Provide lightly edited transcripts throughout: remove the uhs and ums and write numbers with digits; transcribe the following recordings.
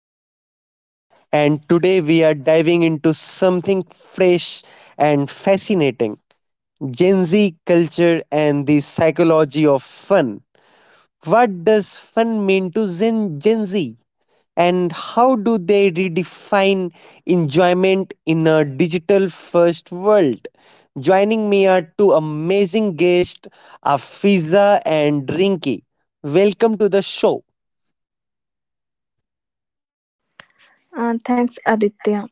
Aditya, and today we are diving into something fresh and fascinating. Gen Z culture and the psychology of fun. What does fun mean to Gen Z? And how do they redefine enjoyment in a digital first world? Joining me are two amazing guests, Afiza and Rinki. Welcome to the show. Thanks, Aditya.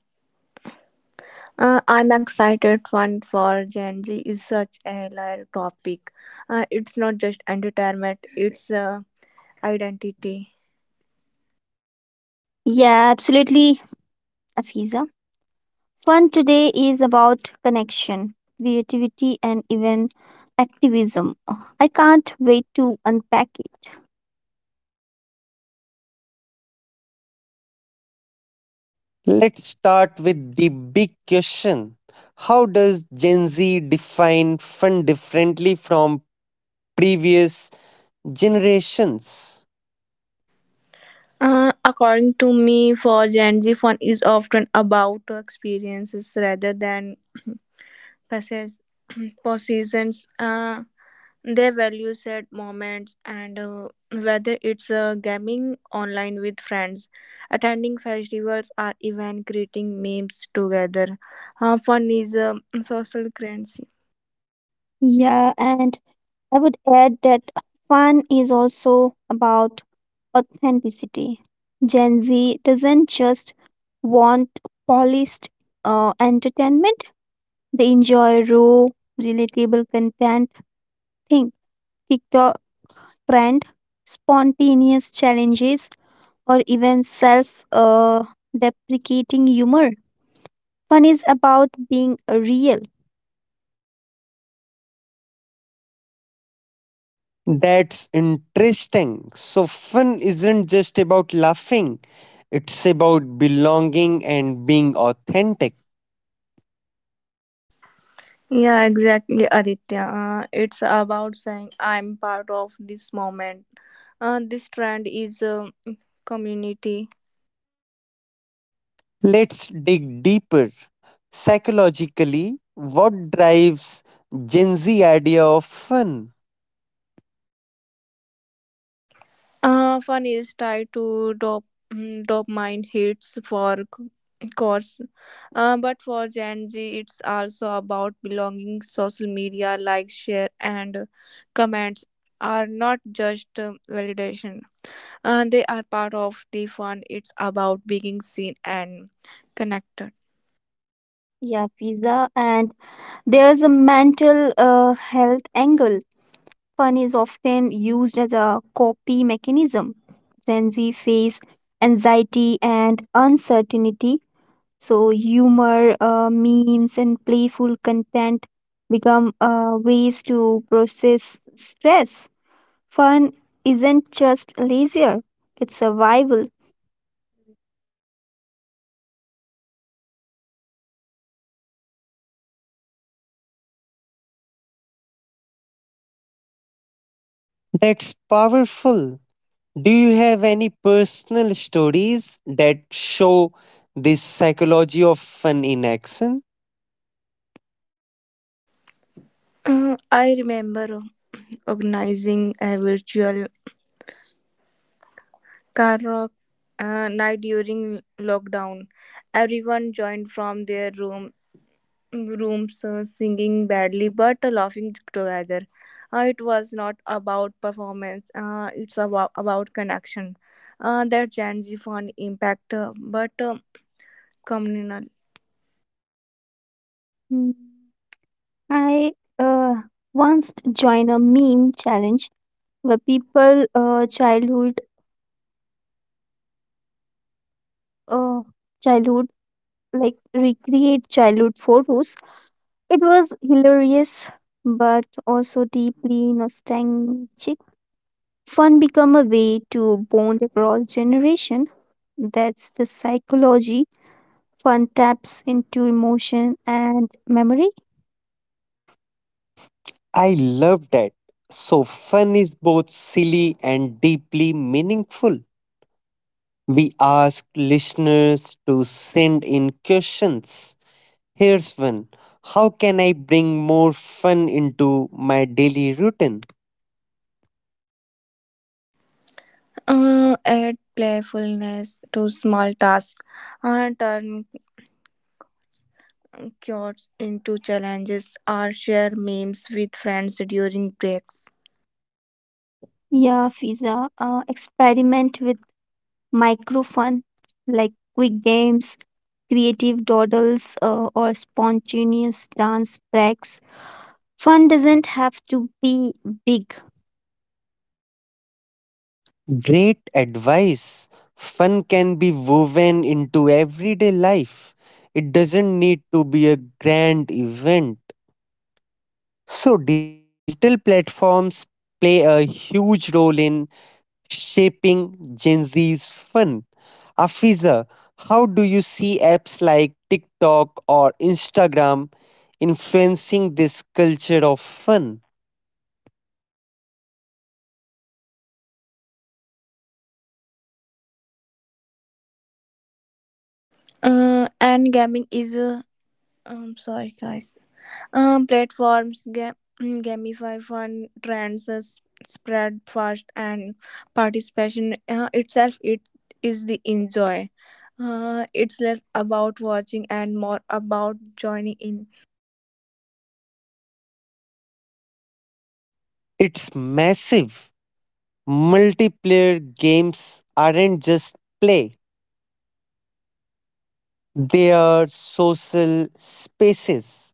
I'm excited. Fun for Gen Z is such a layered topic. It's not just entertainment; it's identity. Yeah, absolutely, Afiza. Fun today is about connection, creativity, and even activism. I can't wait to unpack it. Let's start with the big question. How does Gen Z define fun differently from previous generations? According to me, for Gen Z, fun is often about experiences rather than passes, possessions. Their values at moments and whether it's gaming online with friends attending festivals or even creating memes together, fun is a social currency. Yeah, and I would add that fun is also about authenticity. Gen Z doesn't just want polished entertainment, they enjoy raw, relatable content. Think TikTok trend, spontaneous challenges or even self deprecating humor. Fun is about being real. That's interesting. So, fun isn't just about laughing, it's about belonging and being authentic. Yeah, exactly, Aditya, it's about saying I'm part of this moment, this trend is community. Let's dig deeper. Psychologically, what drives Gen Z idea of fun? Fun is tied to dop- mm, Dopamine hits for course, but for Gen Z, it's also about belonging. Social media likes, share, and comments are not just validation. They are part of the fun. It's about being seen and connected. Yeah, pizza. And there's a mental health angle. Fun is often used as a coping mechanism. Gen Z face anxiety and uncertainty. So, humor, memes, and playful content become ways to process stress. Fun isn't just leisure, it's survival. That's powerful. Do you have any personal stories that show this psychology of fun in action? I remember organizing a virtual karaoke night during lockdown. Everyone joined from their rooms singing badly but laughing together. It was not about performance, it's about connection. That Gen Z found impact, but communal. Hmm, I uh, once joined a meme challenge where people childhood uh, childhood like recreate childhood photos. It was hilarious but also deeply nostalgic. Fun become a way to bond across generation. That's the psychology. Fun taps into emotion and memory. I love that. So, fun is both silly and deeply meaningful. We ask listeners to send in questions. Here's one. How can I bring more fun into my daily routine? Add playfulness to small tasks, turn cures into challenges, or share memes with friends during breaks. Yeah, Fiza, experiment with micro fun like quick games, creative dawdles, or spontaneous dance breaks. Fun doesn't have to be big. Great advice. Fun can be woven into everyday life, it doesn't need to be a grand event. So, digital platforms play a huge role in shaping Gen Z's fun. Afiza, how do you see apps like TikTok or Instagram influencing this culture of fun? And gaming is. I'm sorry, guys. Um, platforms ga- gamify fun trends as spread fast and participation itself it is the enjoy. It's less about watching and more about joining in. It's massive. Multiplayer games aren't just play, they are social spaces.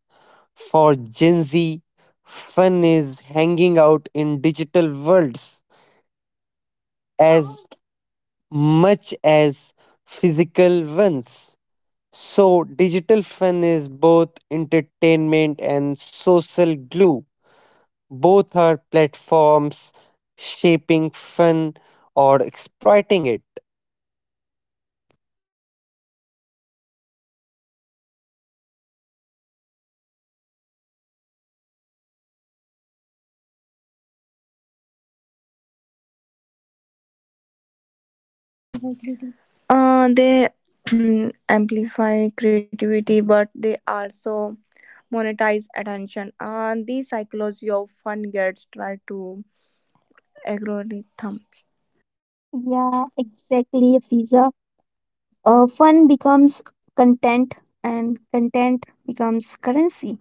For Gen Z, fun is hanging out in digital worlds as much as physical ones. So, digital fun is both entertainment and social glue. Both are platforms shaping fun or exploiting it. They amplify creativity, but they also monetize attention. And the psychology of fun gets tried to algorithms. Yeah, exactly, Fiza. Fun becomes content and content becomes currency.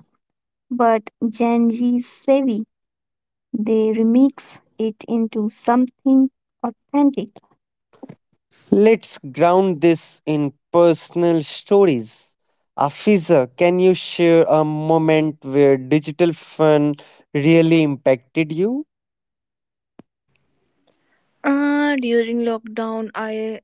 But Gen Z is savvy. They remix it into something authentic. Let's ground this in personal stories. Afiza, can you share a moment where digital fun really impacted you? During lockdown, I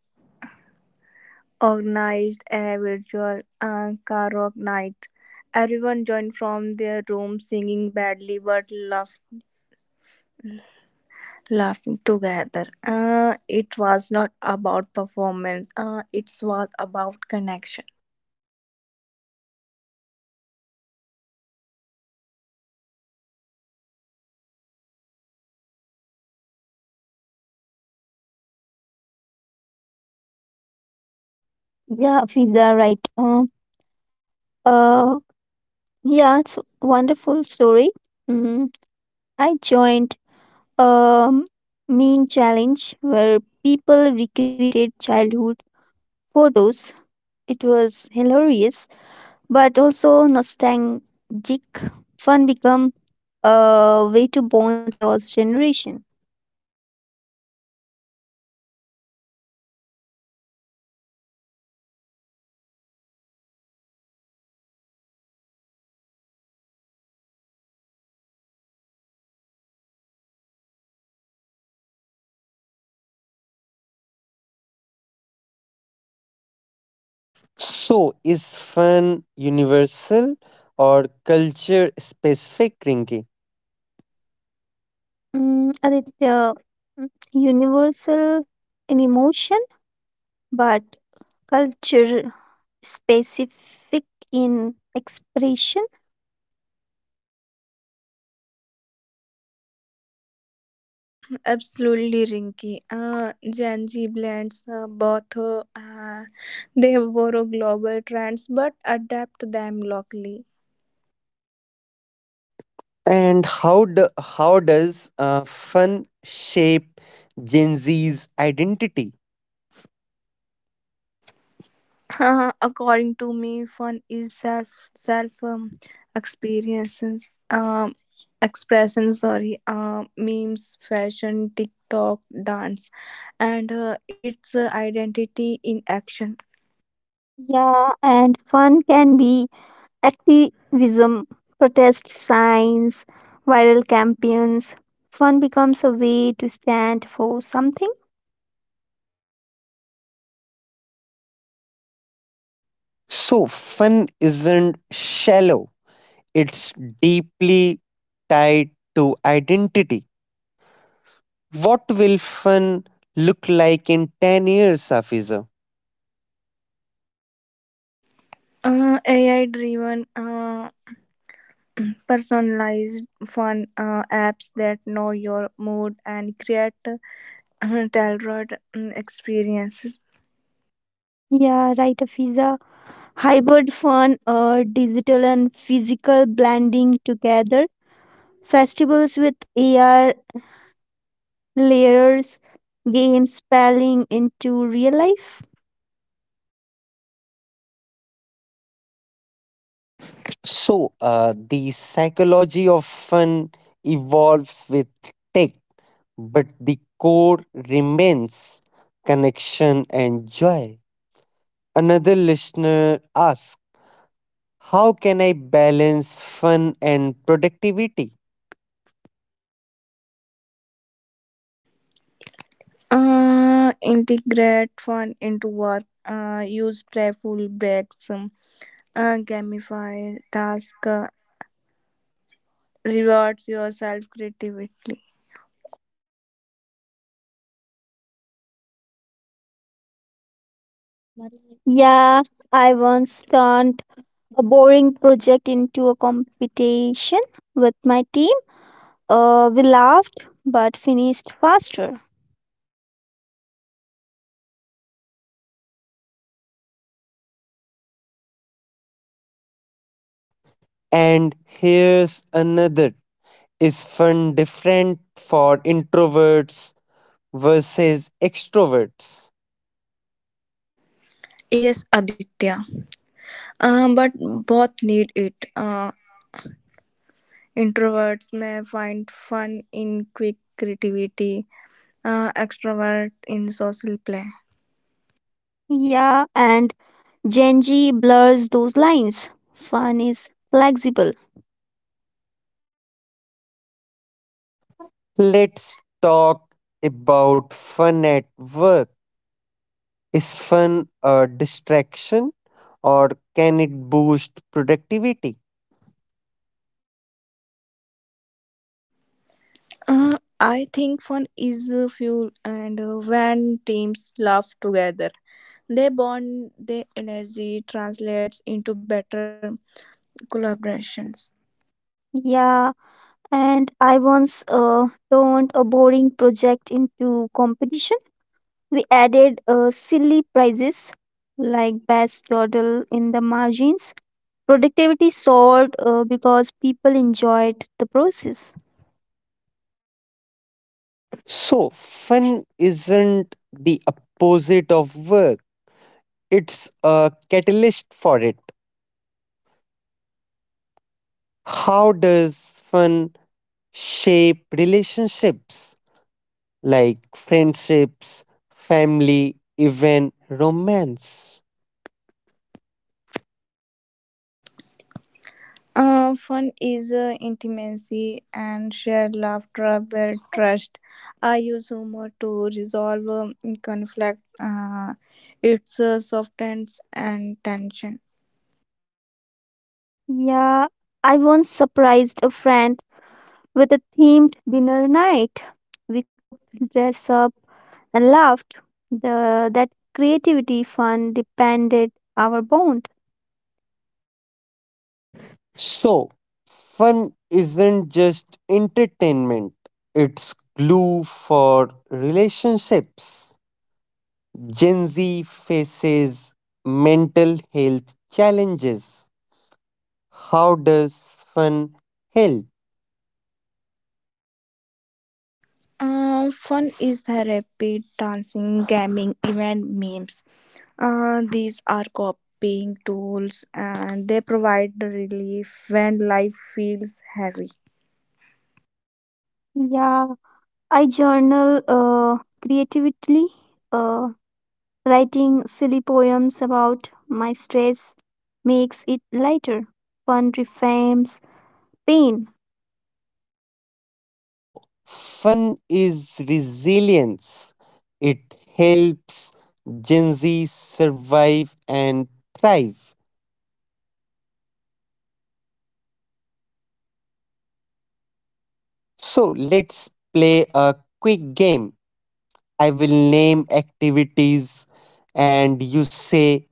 organized a virtual karaoke night. Everyone joined from their room, singing badly but laughing together. It was not about performance. It was about connection. Yeah, Fiza, right. Uh, yeah, it's a wonderful story. Mm, I joined a meme challenge where people recreated childhood photos. It was hilarious, but also nostalgic. Fun become a way to bond across generation. So, is fun universal or culture specific, Rinki? Mm, Aditya, mm, universal in emotion, but culture specific in expression. Absolutely, Rinky. Gen Z blends both. They borrow global trends but adapt them locally. And how does fun shape Gen Z's identity? According to me, fun is self self experiences, expression. Sorry, memes, fashion, TikTok, dance, and its identity in action. Yeah, and fun can be activism, protest signs, viral campaigns. Fun becomes a way to stand for something. So fun isn't shallow; it's deeply tied to identity. What will fun look like in 10 years, Safiza? AI driven, personalized fun, apps that know your mood and create tailored experiences. Yeah, right, Afiza. Hybrid fun or digital and physical blending together. Festivals with AR layers, games spelling into real life. So the psychology of fun evolves with tech, but the core remains connection and joy. Another listener asks. How can I balance fun and productivity? Integrate fun into work. Use playful breaks. Gamify task. Rewards yourself creatively. Yeah, I once turned a boring project into a competition with my team. We laughed but finished faster. And here's another. Is fun different for introverts versus extroverts? Yes, Aditya. But both need it. Introverts may find fun in quick creativity. Extrovert in social play. Yeah, and Gen Z blurs those lines. Fun is flexible. Let's talk about fun at work. Is fun a distraction or can it boost productivity? I think fun is a fuel, and when teams laugh together. They bond their energy translates into better collaborations. Yeah, and I once turned a boring project into competition. We added silly prizes like best dawdle in the margins. Productivity soared because people enjoyed the process. So, fun isn't the opposite of work, it's a catalyst for it. How does fun shape relationships like friendships, family, even romance? Fun is intimacy and shared laughter build trust. I use humor to resolve conflict. It's softens and tension. Yeah, I once surprised a friend with a themed dinner night. We cooked, dressed up, and laughed. That creativity fun depended our bond. So, fun isn't just entertainment, it's glue for relationships. Gen Z faces mental health challenges. How does fun help? Fun is therapy, dancing, gaming, even memes. These are copying tools and they provide relief when life feels heavy. Yeah, I journal creatively, uh, writing silly poems about my stress makes it lighter. Fun reframes pain. So, fun is resilience. It helps Gen Z survive and thrive. So, let's play a quick game. I will name activities and you say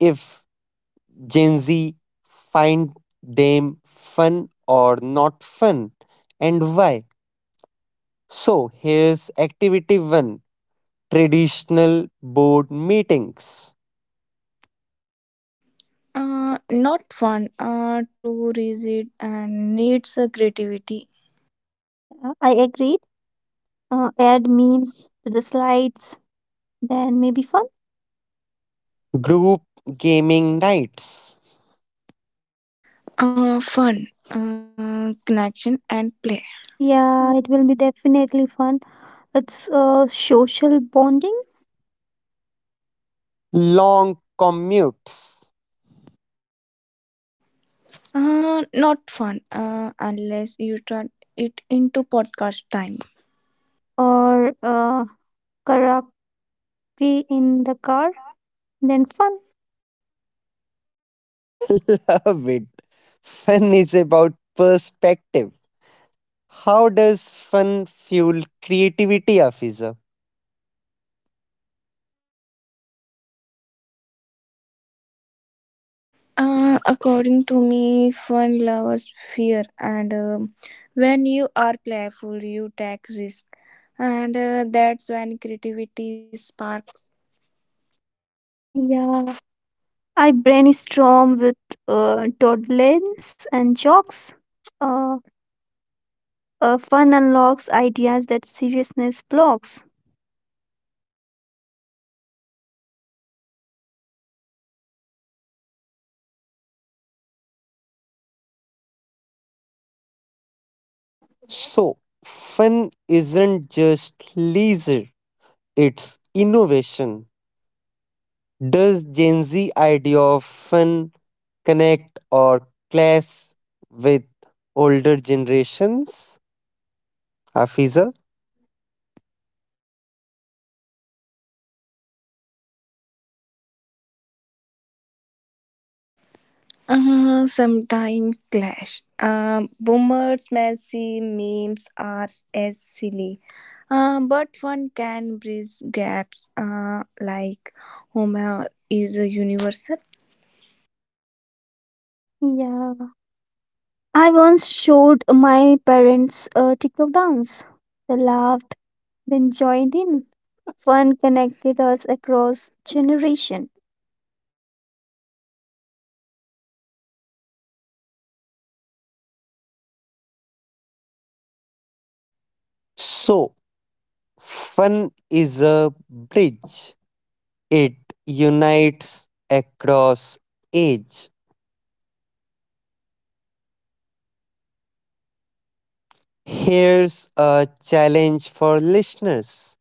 if Gen Z find them fun or not fun and why. So, here's activity 1, traditional board meetings. Not fun. Too rigid and needs a creativity. Yeah, I agreed. Add memes to the slides, then maybe fun. Group gaming nights. Fun, connection and play. Yeah, it will be definitely fun. It's social bonding Long commutes. Not fun. Unless you turn it into podcast time. or karaoke in the car, then fun. Love it. Fun is about perspective. How does fun fuel creativity, Afiza? According to me, fun loves fear, and when you are playful, you take risk, and that's when creativity sparks. Yeah, I brainstorm with toddlers and jokes. Uh, fun unlocks ideas that seriousness blocks. So, fun isn't just leisure, it's innovation. Does Gen Z idea of fun connect or clash with older generations, Afiza? Sometime clash. Boomers' messy memes are as silly, but one can bridge gaps. Like humor is a universal. Yeah, I once showed my parents a TikTok dance. They laughed, then joined in. Fun connected us across generation. So, fun is a bridge. It unites across age. Here's a challenge for listeners.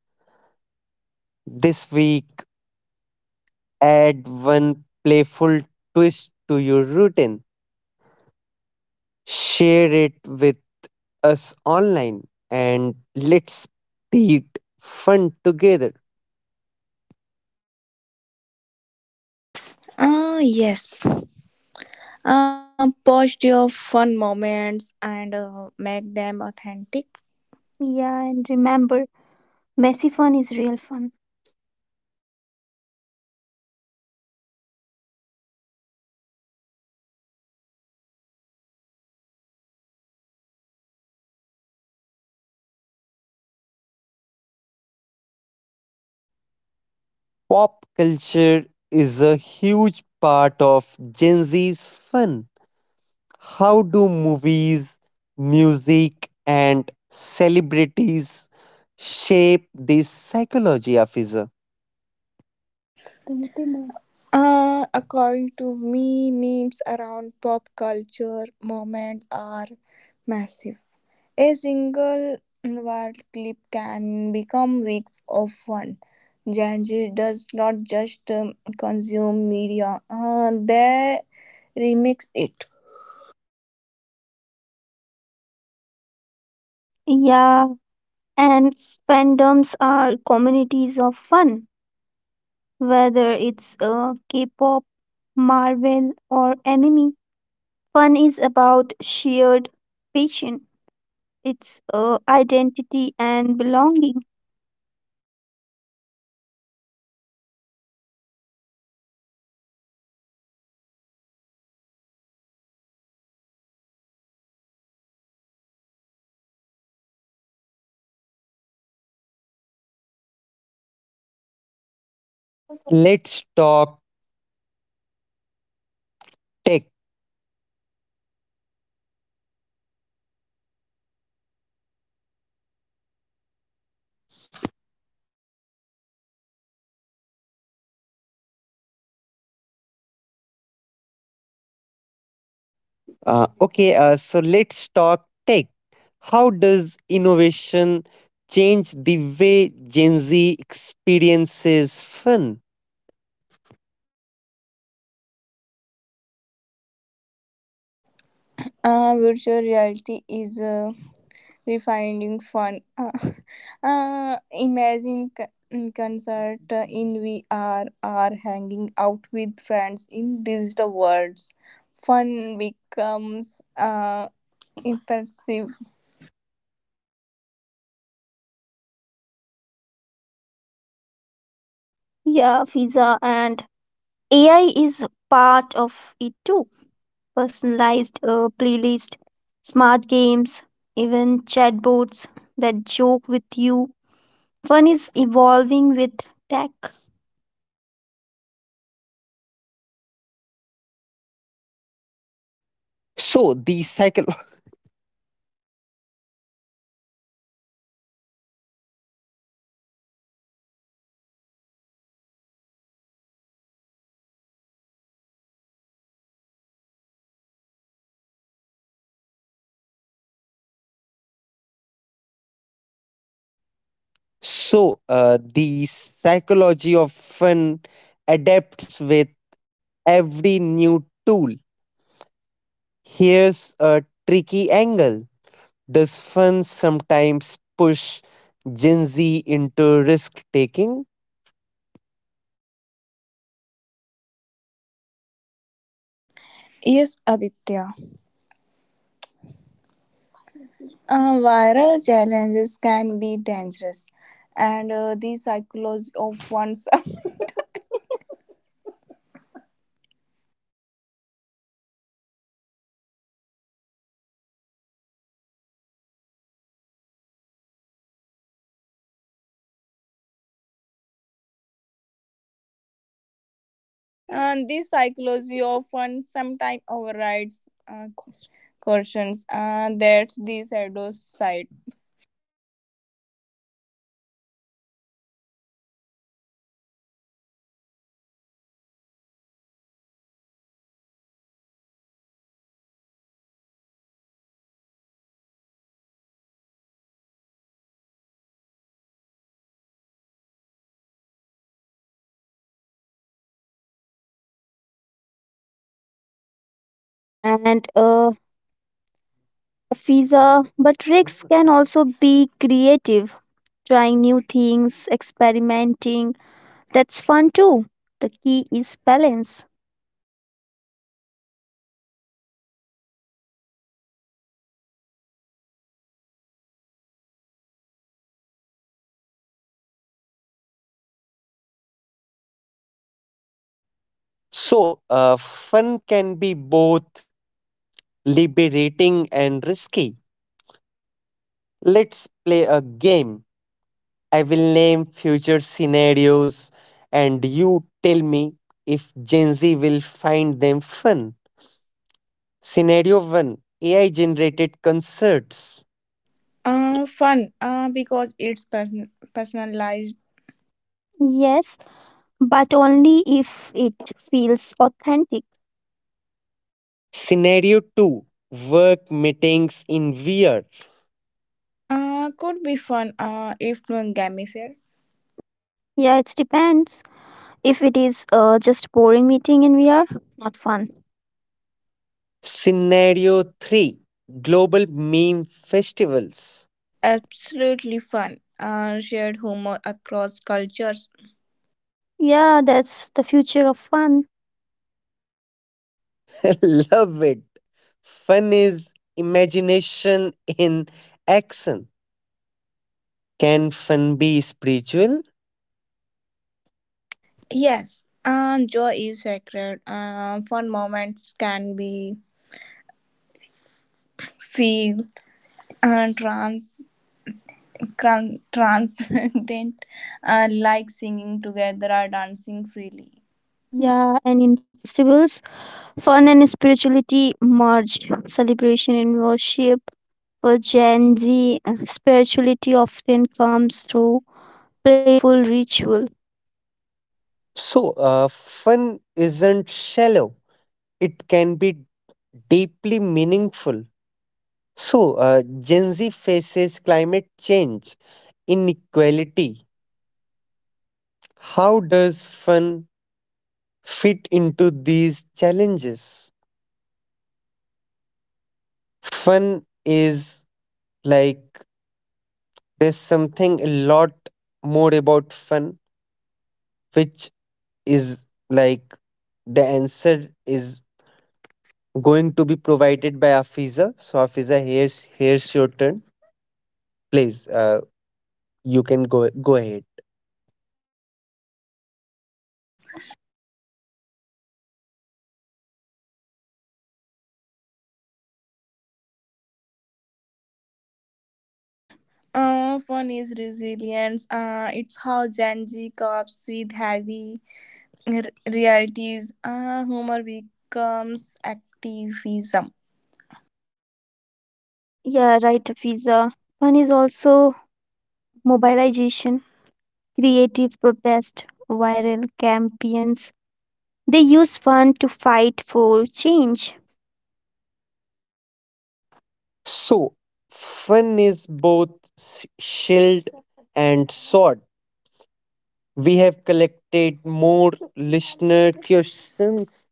This week, add one playful twist to your routine. Share it with us online and let's create fun together. Yes. Post your fun moments and make them authentic. Yeah, and remember, messy fun is real fun. Pop culture is a huge part of Gen Z's fun. How do movies, music, and celebrities shape this psychology, Afiza? According to me, memes around pop culture moments are massive. A single viral clip can become weeks of fun. Gen Z does not just consume media, they remix it. Yeah, and fandoms are communities of fun, whether it's K pop, Marvel, or anime. Fun is about shared passion, it's identity and belonging. Let's talk tech. Okay, so let's talk tech. How does innovation change the way Gen Z experiences fun? Virtual reality is refining fun. Uh, imagine c- concert in VR or hanging out with friends in digital worlds. Fun becomes impressive. Yeah, Fiza, and AI is part of it too. Personalized playlist, smart games, even chatbots that joke with you. One is evolving with tech So the cycle, so the psychology of fun adapts with every new tool. Here's a tricky angle. Does fun sometimes push Gen Z into risk taking? Yes, Aditya. Viral challenges can be dangerous, and the psychology of one's and the psychology of one sometimes overrides cautions. That's the shadow side. and visa, but risks can also be creative, trying new things, experimenting. That's fun too. The key is balance. So, fun can be both liberating and risky. Let's play a game. I will name future scenarios and you tell me if Gen Z will find them fun. Scenario 1, AI generated concerts. Fun, because it's personalized. Yes, but only if it feels authentic. Scenario 2, work meetings in VR. Could be fun if not gamified. Yeah, it depends. If it is just boring meeting in VR, not fun. Scenario 3, global meme festivals. Absolutely fun. Shared humor across cultures. Yeah, that's the future of fun. Love it. Fun is imagination in action. Can fun be spiritual? Yes, joy is sacred. Fun moments can be feel uh, trans, transcendent, like singing together or dancing freely. Yeah, and in festivals, fun and spirituality merged. Celebration and worship. For Gen Z, spirituality often comes through playful ritual. So, fun isn't shallow, it can be deeply meaningful. So, Gen Z faces climate change, inequality. How does fun fit into these challenges? Fun is like there's something a lot more about fun, which is like the answer is going to be provided by Afiza. So, Afiza, here's your turn. Please, you can go ahead. Fun is resilience. It's how Gen Z copes with heavy realities. Humor becomes activism. Yeah, right, Fiza. One is also mobilization, creative protest, viral campaigns. They use fun to fight for change. So, fun is both s- shield and sword. We have collected more listener questions.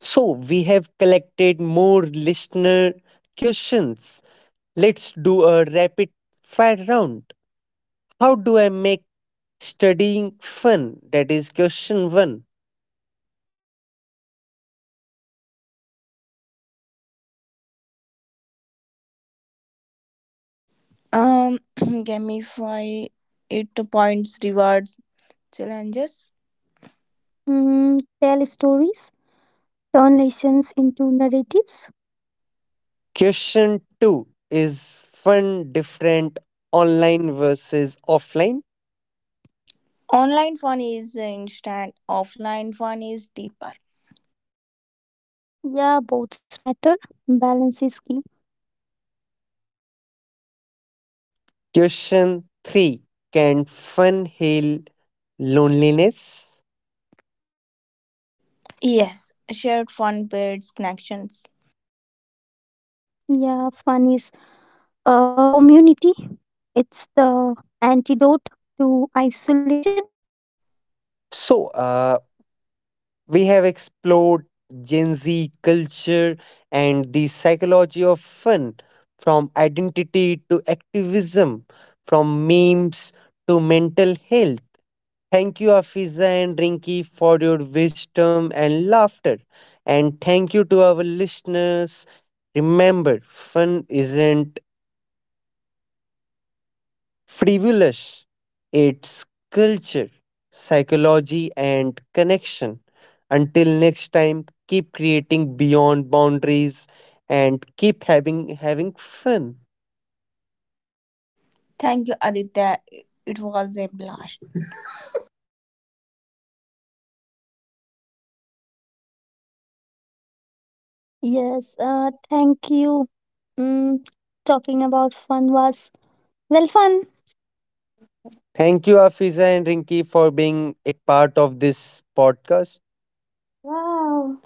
So, we have collected more listener questions. Let's do a rapid fire round. How do I make studying fun? That is question one. Gamify it points, rewards, challenges. Mm, tell stories, turn lessons into narratives. Question two, is fun different online versus offline? Online fun is instant. Offline fun is deeper. Yeah, both matter. Balance is key. Question three, can fun heal loneliness? Yes, shared fun builds connections. Yeah, fun is community, it's the antidote to isolation. So, we have explored Gen Z culture and the psychology of fun from identity to activism, from memes to mental health. Thank you, Afiza and Rinki, for your wisdom and laughter. And thank you to our listeners. Remember, fun isn't frivolous. It's culture, psychology, and connection. Until next time, keep creating beyond boundaries and keep having fun. Thank you, Aditya. It was a blast. Yes, thank you. Mm, talking about fun was, well, fun. Thank you, Afiza and Rinki, for being a part of this podcast. Wow.